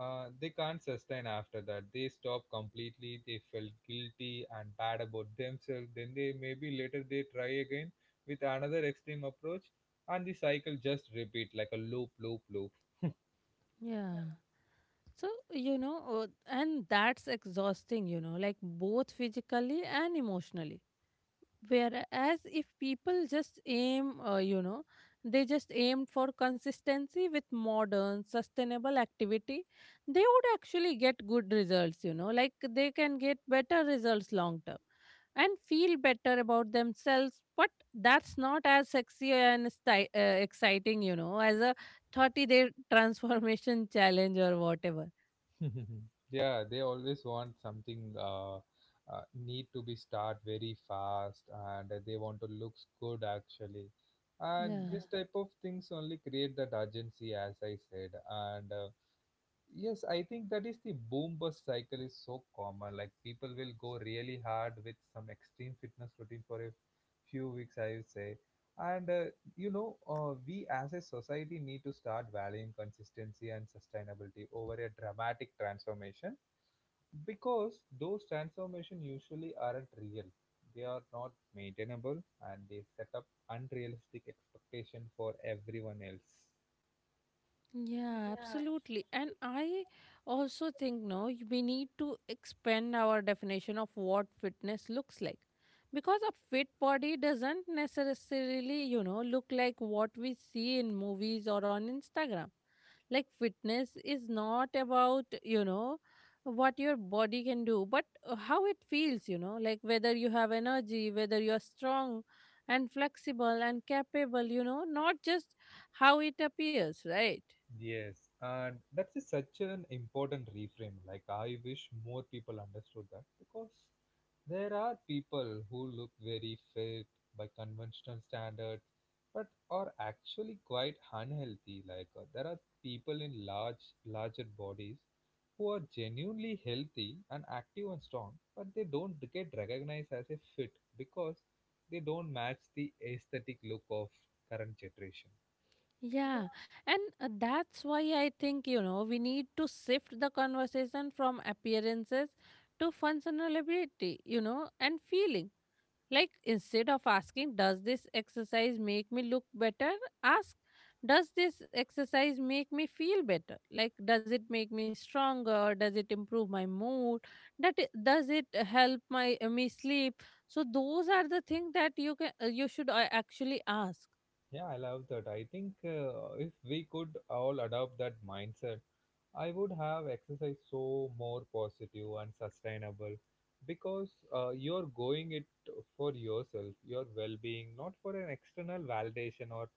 S1: They can't sustain after that. They stop completely. They felt guilty and bad about themselves. Then they maybe later they try again with another extreme approach, and the cycle just repeat like a loop, loop, loop.
S2: Yeah. So, you know, and that's exhausting, you know, like both physically and emotionally. Whereas if people just aim, you know, they just aim for consistency with modern, sustainable activity, they would actually get good results, you know, like they can get better results long term and feel better about themselves. But that's not as sexy and exciting, you know, as a 30 day transformation challenge or whatever.
S1: Yeah, they always want something need to be start very fast, and they want to looks good actually, and
S2: Yeah.
S1: this type of things only create that urgency, as I said, and uh. Yes, I think that is the boom bust cycle is so common. Like people will go really hard with some extreme fitness routine for a few weeks, I would say. And You know, we as a society need to start valuing consistency and sustainability over a dramatic transformation, because those transformations usually aren't real. They are not maintainable and they set up unrealistic expectation for everyone else.
S2: Yeah, absolutely. And I also think no, we need to expand our definition of what fitness looks like. Because a fit body doesn't necessarily, you know, look like what we see in movies or on Instagram. Like fitness is not about, you know, what your body can do, but how it feels, you know, like whether you have energy, whether you're strong and flexible and capable, you know, not just how it appears, right?
S1: Yes, and that's such an important reframe. Like, I wish more people understood that, because there are people who look very fit by conventional standards but are actually quite unhealthy. Like, there are people in larger bodies who are genuinely healthy and active and strong, but they don't get recognized as a fit because they don't match the aesthetic look of current generation.
S2: Yeah, and that's why I think, you know, we need to shift the conversation from appearances to functionality, you know, and feeling. Like instead of asking, does this exercise make me look better? Ask, does this exercise make me feel better? Like, does it make me stronger? Does it improve my mood? Does it help my me sleep? So those are the things that you can you should actually ask.
S1: Yeah, I love that. I think if we could all adopt that mindset, I would have exercise so more positive and sustainable, because you're going it for yourself, your well being, not for an external validation or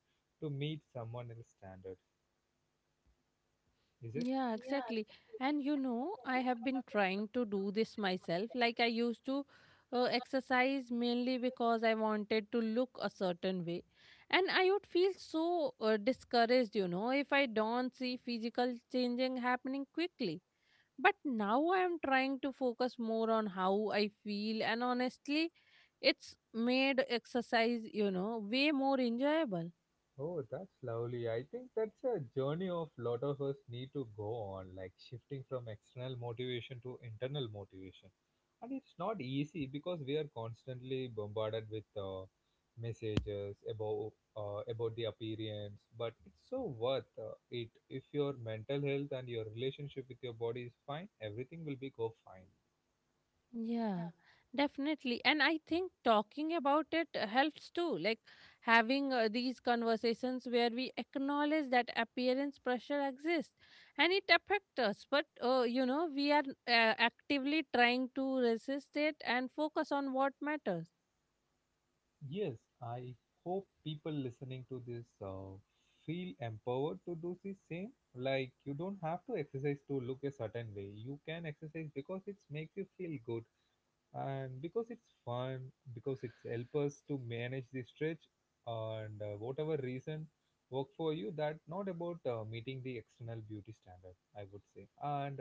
S1: to meet someone else's standards. Is it?
S2: Yeah, exactly. And you know, I have been trying to do this myself. Like I used to exercise mainly because I wanted to look a certain way. And I would feel so discouraged, if I don't see physical changing happening quickly. But now I am trying to focus more on how I feel. And honestly, it's made exercise, way more enjoyable.
S1: Oh, that's lovely. I think that's a journey of lot of us need to go on, like shifting from external motivation to internal motivation. And it's not easy because we are constantly bombarded with messages about the appearance, but it's so worth it. If your mental health and your relationship with your body is fine, everything will be go fine.
S2: Yeah, definitely. And I think talking about it helps too. Like having these conversations where we acknowledge that appearance pressure exists and it affects us. But, you know, we are actively trying to resist it and focus on what matters.
S1: Yes, I hope people listening to this feel empowered to do the same. Like you don't have to exercise to look a certain way. You can exercise because it makes you feel good and because it's fun, because it's help us to manage the stretch and whatever reason work for you. That not about meeting the external beauty standard, I would say. And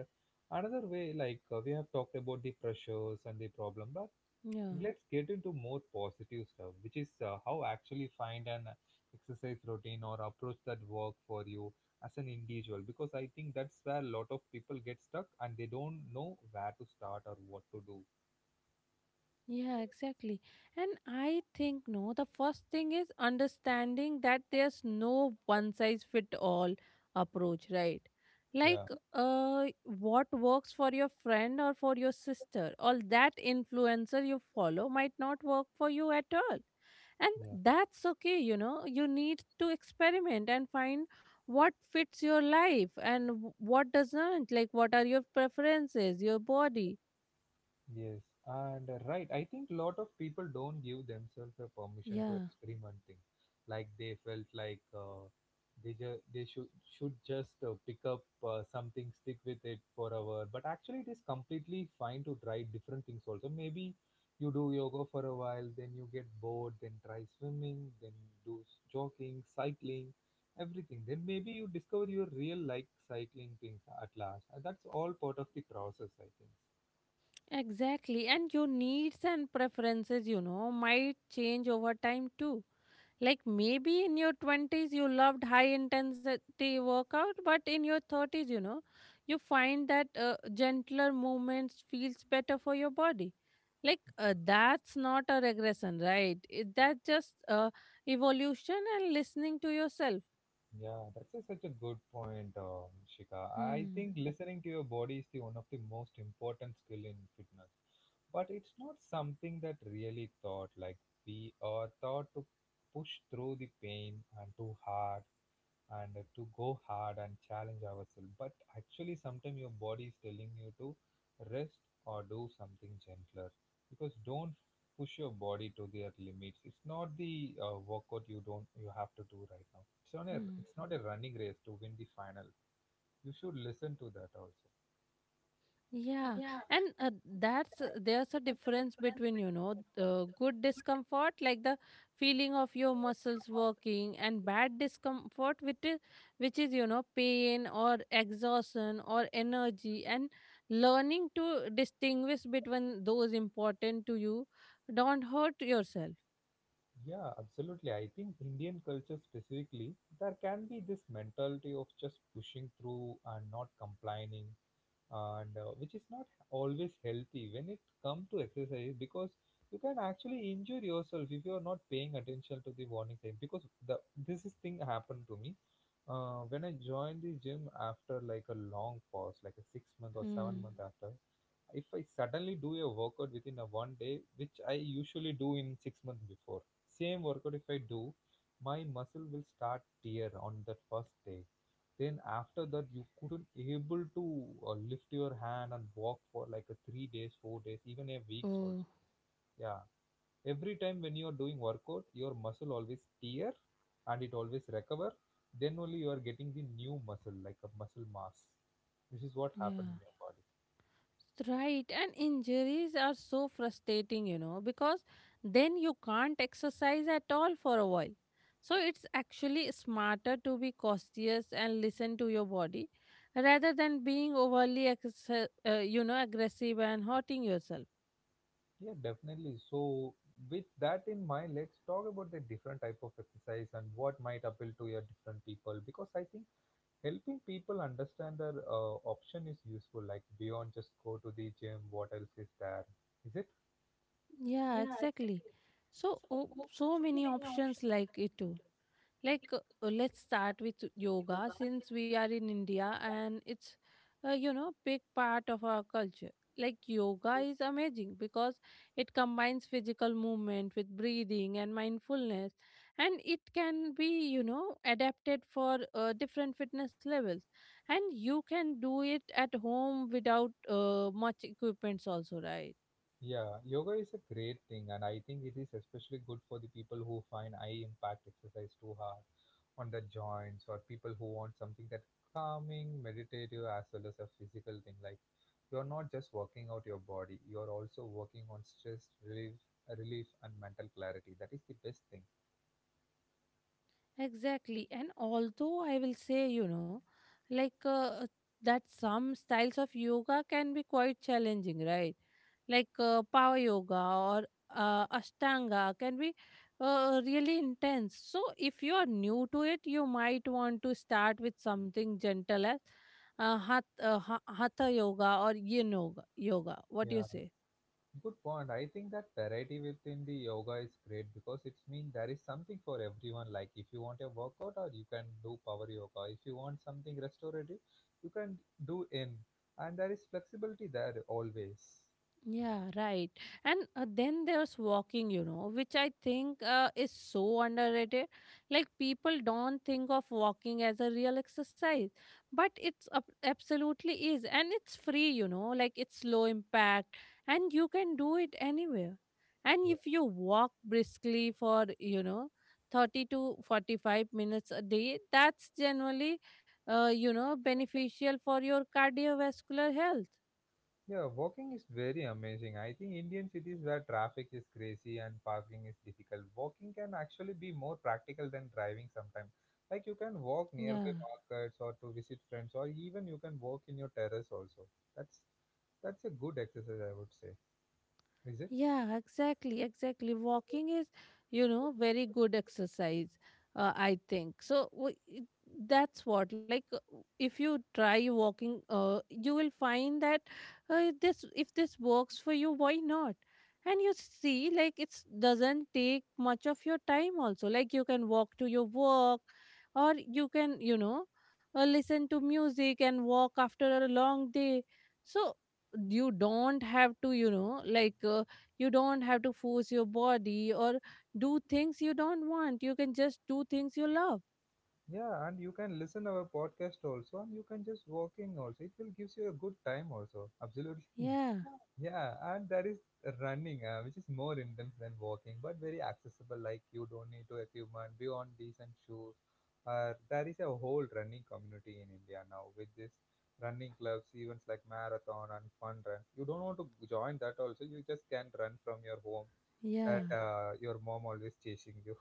S1: another way, like we have talked about the pressures and the problem, but
S2: Yeah.
S1: let's get into more positive stuff, which is how actually find an exercise routine or approach that work for you as an individual. Because I think that's where a lot of people get stuck and they don't know where to start or what to do.
S2: Yeah, exactly. And I think no, the first thing is understanding that there's no one size fit all approach, right?
S1: Yeah.
S2: Like what works for your friend or for your sister or that influencer you follow might not work for you at all. And that's okay, you know. You need to experiment and find what fits your life and what doesn't. Like what are your preferences, your body.
S1: Yes, and right, I think lot of people don't give themselves a permission to
S2: Yeah.
S1: experimenting. Like they felt like they ju- they should just pick up something, stick with it forever. But actually, it is completely fine to try different things also. Maybe you do yoga for a while, then you get bored, then try swimming, then do jogging, cycling, everything. Then maybe you discover your real like cycling things at last. That's all part of the process, I think.
S2: Exactly. And your needs and preferences, you know, might change over time too. Like maybe in your 20s you loved high intensity workout, but in your 30s, you know, you find that gentler movements feels better for your body. Like that's not a regression, right? That's just evolution and listening to yourself.
S1: Yeah, that's such a good point, Shika. I
S2: Hmm.
S1: think listening to your body is the one of the most important skill in fitness, but it's not something that really thought. Like we are taught to push through the pain and too hard, and to go hard and challenge ourselves. But actually, sometimes your body is telling you to rest or do something gentler because don't push your body to their limits. It's not the workout you don't you have to do right now.
S2: Hmm.
S1: It's not a running race to win the final. You should listen to that also.
S2: Yeah, and that's there's a difference between good discomfort like the feeling of your muscles working and bad which is, you know, pain or exhaustion or energy and learning to distinguish between those important to you don't hurt yourself.
S1: Yeah, absolutely. I think Indian culture specifically, there can be this mentality of just pushing through and not complaining and which is not always healthy when it comes to exercise because you can actually injure yourself if you are not paying attention to the warning sign because the this is thing happened to me when I joined the gym after like a long pause like a 6 month or seven
S2: Hmm.
S1: month after. If I suddenly do a workout within a one day, which I usually do in 6 months before, same workout if I do, my muscle will start tear on that first day. Then after that, you couldn't able to lift your hand and walk for like a 3 days, 4 days, even a weeks also.
S2: Oh,
S1: Yeah, every time when you are doing workout, your muscle always tear and it always recover. Then only you are getting the new muscle like a muscle mass. This is what happened
S2: yeah.
S1: in your body.
S2: Right, and injuries are so frustrating, you know, because then you can't exercise at all for a while. So it's actually smarter to be cautious and listen to your body rather than being overly, you know, aggressive and hurting yourself.
S1: Yeah, definitely. So, with that in mind, let's talk about the different type of exercise and what might appeal to your different people. Because I think helping people understand their option is useful. Like beyond just go to the gym, what else is there? Is it?
S2: Yeah, exactly. So, oh, so many options like it too. Like let's start with yoga since we are in india and it's you know big part of our culture. Like yoga is amazing because it combines physical movement with breathing and mindfulness and it can be, you know, adapted for different fitness levels and you can do it at home without much equipments also, right?
S1: Yeah, yoga is a great thing, and I think it is especially good for the people who find high impact exercise too hard on their joints, or people who want something that calming, meditative, as well as a physical thing. Like you're not just working out your body, you're also working on stress relief, and mental clarity. That is the best thing.
S2: Exactly. And although I will say, you know, like uh, that some styles of yoga can be quite challenging, right? Like power yoga or Ashtanga can be really intense. So if you are new to it, you might want to start with something gentle as hatha yoga or yin yoga. What do you
S1: Yeah,
S2: say?
S1: good point. I think that variety within the yoga is great because it's mean there is something for everyone. Like if you want a workout or you can do power yoga. If you want something restorative, you can do in. And there is flexibility there always.
S2: Yeah, right. And then there's walking, you know, which I think is so underrated. Like people don't think of walking as a real exercise, but it's absolutely is. And it's free, you know, like it's low impact and you can do it anywhere. And if you walk briskly for, you know, 30 to 45 minutes a day, that's generally, you know, beneficial for your cardiovascular health.
S1: Yeah, walking is very amazing. I think Indian cities where traffic is crazy and parking is difficult, walking can actually be more practical than driving sometimes. Like you can walk nearby
S2: Yeah.
S1: markets or to visit friends, or even you can walk in your terrace also. That's that's a good exercise, I would say. Is it?
S2: Yeah, exactly, exactly. Walking is, you know, very good exercise, I think. So that's what, like, if you try walking, you will find that this if this works for you, why not? And you see, like, it doesn't take much of your time. Also, like, you can walk to your work, or you can, you know, listen to music and walk after a long day. So you don't have to, you know, like, you don't have to force your body or do things you don't want. You can just do things you love.
S1: Yeah, and you can listen our podcast also, and you can just walking also. It will gives you a good time also. Absolutely,
S2: Yeah,
S1: Yeah, and there is running, which is more intense than walking, but very accessible. Like you don't need to equipment beyond decent shoes. There is a whole running community in India now with this running clubs, events like marathon and fun runs. You don't want to join that also. You just can run from your home.
S2: yeah,
S1: That Your mom always chasing you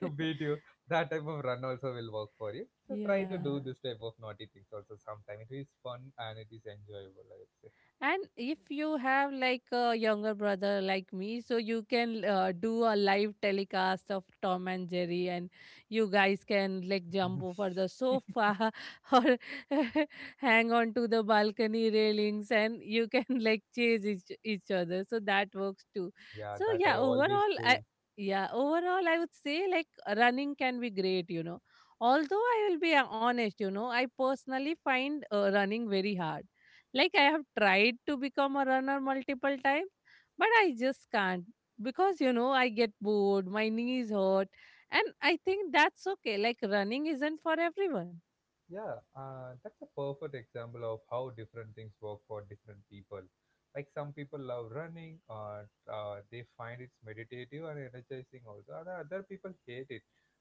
S1: to beat you. That type of run also will work for you. So try to
S2: yeah.
S1: do this type of naughty things also sometime. It is fun and it is enjoyable, I would say.
S2: And if you have like a younger brother like me, so you can do a live telecast of Tom and Jerry, and you guys can like jump over the sofa or hang on to the balcony railings, and you can like chase each other. So that works too.
S1: Yeah,
S2: So
S1: that
S2: yeah,
S1: I always
S2: overall, I
S1: do.
S2: yeah, overall, I would say like running can be great, you know, although I will be honest, you know, I personally find running very hard. Like I have tried to become a runner multiple times, but I just can't because, you know, I get bored, my knees hurt, and I think that's okay. Like running isn't for everyone.
S1: Yeah, that's a perfect example of how different things work for different people. Like some people love running, or they find it's meditative and energizing also, and other people hate it.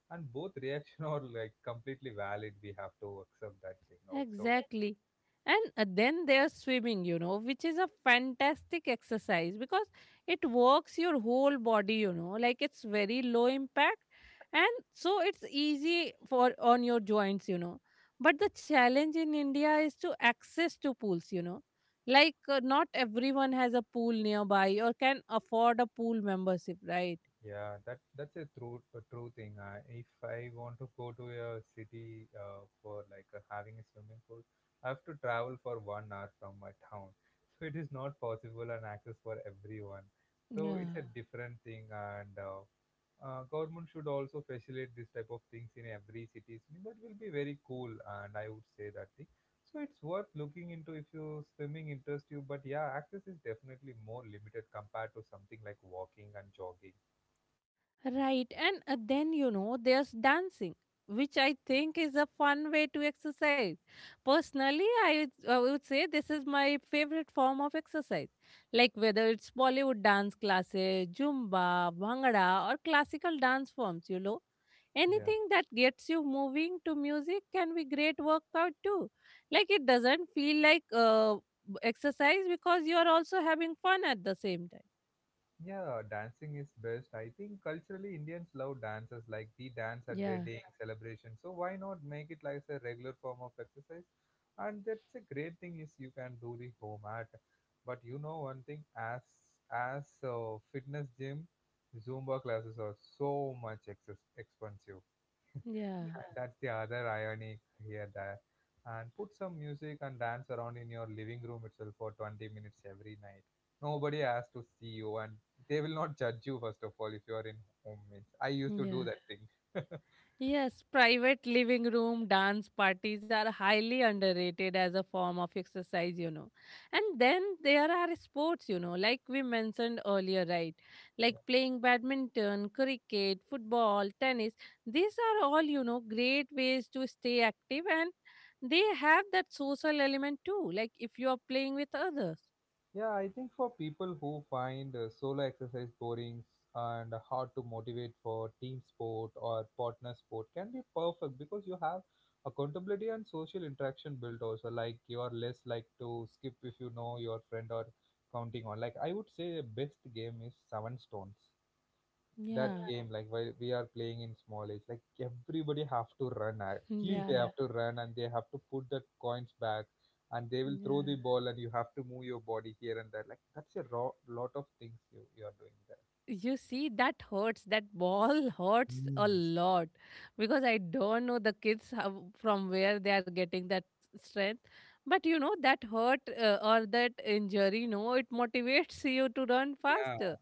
S1: And both reaction are like completely valid. We have to accept that thing also.
S2: Exactly. And then there's swimming, you know, which is a fantastic exercise because it works your whole body, you know, like it's very low impact. And so it's easy for on your joints, you know. But the challenge in India is to access to pools, you know. Like not everyone has a pool nearby or can afford a pool membership, right?
S1: Yeah, that's a true thing. If I want to go to a city for like having a swimming pool, I have to travel for 1 hour from my town, so it is not possible and access for everyone. So it's
S2: Yeah.
S1: a different thing, and government should also facilitate this type of things in every city. So that will be very cool, and I would say that thing. So it's worth looking into if you swimming interests you, but yeah, access is definitely more limited compared to something like walking and jogging.
S2: Right, and then you know there's dancing, which I think is a fun way to exercise. Personally, I would say this is my favorite form of exercise. Like whether it's Bollywood dance classes, Zumba, Bhangra, or classical dance forms, you know.
S1: Yeah.
S2: Anything that gets you moving to music can be great workout too. Like it doesn't feel like exercise because you are also having fun at the same time.
S1: Yeah, dancing is best. I think culturally Indians love dances like we dance at
S2: Yeah,
S1: wedding celebration. So why not make it like a regular form of exercise? And that's a great thing is you can do the home at. But you know one thing as fitness gym, Zumba classes are so much expensive.
S2: yeah,
S1: That's the other irony here. There, and put some music and dance around in your living room itself for 20 minutes every night. Nobody has to see you and they will not judge you first of all if you are in home means. I used to do
S2: yeah.
S1: that thing.
S2: Yes, private living room dance parties are highly underrated as a form of exercise, you know. And then there are sports, you know, like we mentioned earlier, right? Like playing badminton, cricket, football, tennis. These are all, you know, great ways to stay active and they have that social element too, like if you are playing with others.
S1: Yeah, I think for people who find solo exercise boring and hard to motivate for team sport or partner sport can be perfect because you have accountability and social interaction built also like you are less like to skip if you know your friend or counting on. Like I would say best game is seven stones. That
S2: Yeah,
S1: game like while we are playing in small age like everybody have to run, at least they
S2: yeah,
S1: have to run and they have to put the coins back and they will throw
S2: yeah.
S1: the ball and you have to move your body here and there. Like that's a raw, lot of things you are doing there.
S2: You see, that hurts. That ball hurts
S1: Mm.
S2: a lot because I don't know the kids how, from where they are getting that strength. But you know, that hurt or that injury, no, it motivates you to run
S1: Yeah,
S2: faster.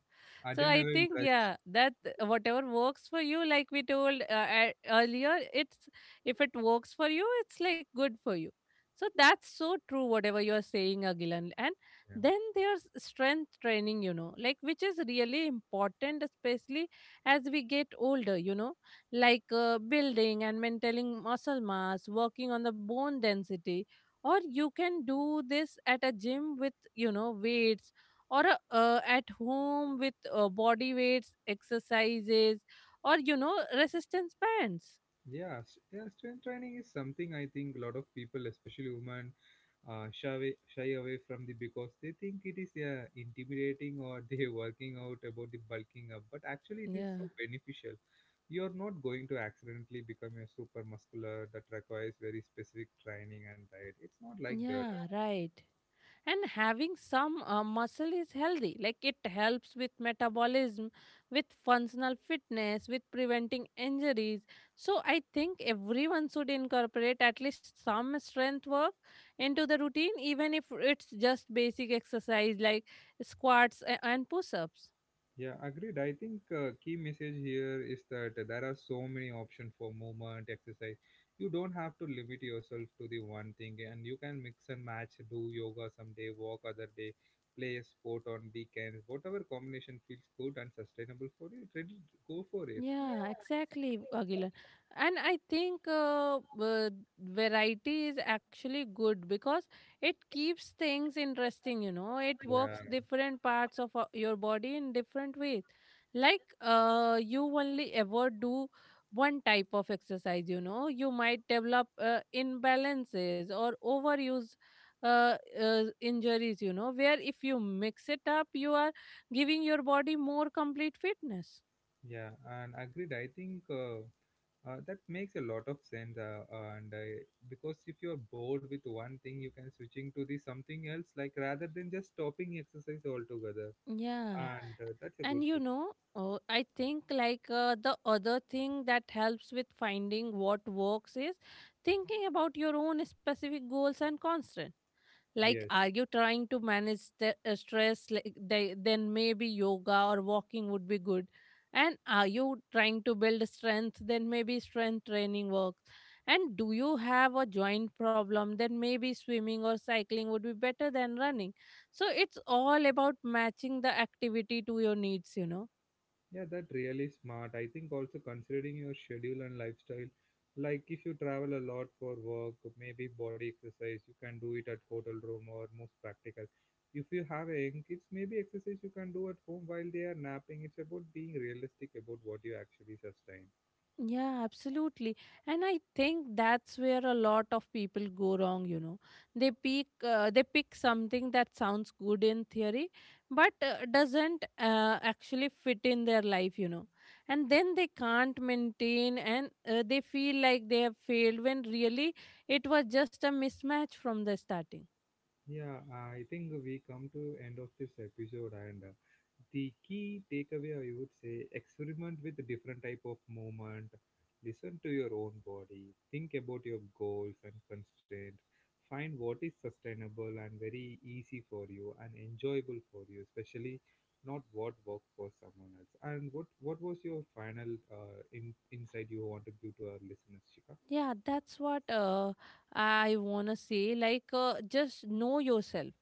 S2: So I
S1: adrenaline
S2: think
S1: rush.
S2: yeah, that whatever works for you, like we told earlier, it's if it works for you, it's like good for you. So that's so true, whatever you are saying, Agilan. And
S1: Yeah,
S2: then there's strength training, you know, like which is really important, especially as we get older, you know, like building and maintaining muscle mass, working on the bone density, or you can do this at a gym with, you know, weights or at home with body weights exercises or you know resistance bands.
S1: yeah, yeah, strength training is something I think a lot of people especially women shy away from the because they think it is intimidating or they working out about the bulking up, but actually it is so
S2: Yeah.
S1: beneficial. You're not going to accidentally become a super muscular that requires very specific training and diet. It's not like that.
S2: Yeah, right. And having some muscle is healthy. Like it helps with metabolism, with functional fitness, with preventing injuries. So I think everyone should incorporate at least some strength work into the routine, even if it's just basic exercise like squats and push-ups.
S1: Yeah, agreed. I think key message here is that there are so many options for movement, exercise. You don't have to limit yourself to the one thing, and you can mix and match, do yoga someday, walk other day, play a sport on weekends. Whatever combination feels good and sustainable for you, ready, go for it.
S2: Yeah, exactly, Agilan. And I think variety is actually good because it keeps things interesting, you know. It
S1: Yeah.
S2: works different parts of your body in different ways. Like you only ever do one type of exercise, you know. You might develop imbalances or overuse uh, injuries, you know, where if you mix it up, you are giving your body more complete fitness.
S1: Yeah, and agreed. I think that makes a lot of sense. And Because if you are bored with one thing, you can switching to the something else, like rather than just stopping exercise altogether.
S2: Yeah.
S1: And that's a
S2: And
S1: good
S2: you
S1: tip.
S2: know, I think the other thing that helps with finding what works is thinking about your own specific goals and constraints. Like
S1: Yes.
S2: are you trying to manage the stress, like they, then maybe yoga or walking would be good, and are you trying to build strength, then maybe strength training works, and do you have a joint problem, then maybe swimming or cycling would be better than running. So it's all about matching the activity to your needs, you know.
S1: Yeah, that really smart. I think also considering your schedule and lifestyle, like if you travel a lot for work, maybe body exercise, you can do it at hotel room or most practical. If you have a young kids, maybe exercise you can do at home while they are napping. It's about being realistic about what you actually sustain.
S2: Yeah, absolutely. And I think that's where a lot of people go wrong, you know. They pick something that sounds good in theory but doesn't actually fit in their life, you know. And then they can't maintain and they feel like they have failed when really it was just a mismatch from the starting.
S1: Yeah, I think we come to end of this episode and the key takeaway I would say experiment with a different type of movement, listen to your own body, think about your goals and constraints, find what is sustainable and very easy for you and enjoyable for you, especially not what works for someone else. And what was your final insight you want to give to our listeners, Shika?
S2: Yeah, that's what I want to say. Like just know yourself.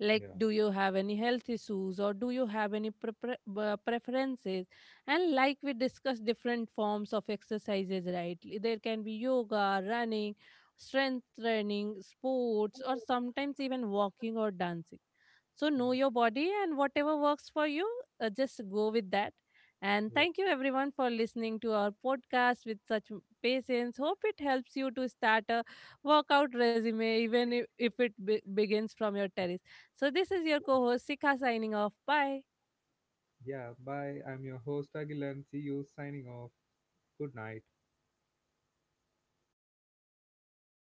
S2: Like
S1: Yeah.
S2: do you have any health issues or do you have any preferences, and like we discussed different forms of exercises, right? There can be yoga, running, strength training, sports, or sometimes even walking or dancing. So know your body and whatever works for you, just go with that. And
S1: Yeah.
S2: thank you everyone for listening to our podcast with such patience. Hope it helps you to start a workout resume, even if it begins from your terrace. So, this is your co host, Sika, signing off. Bye.
S1: Yeah, bye. I'm your host, Agilan. See you signing off. Good night.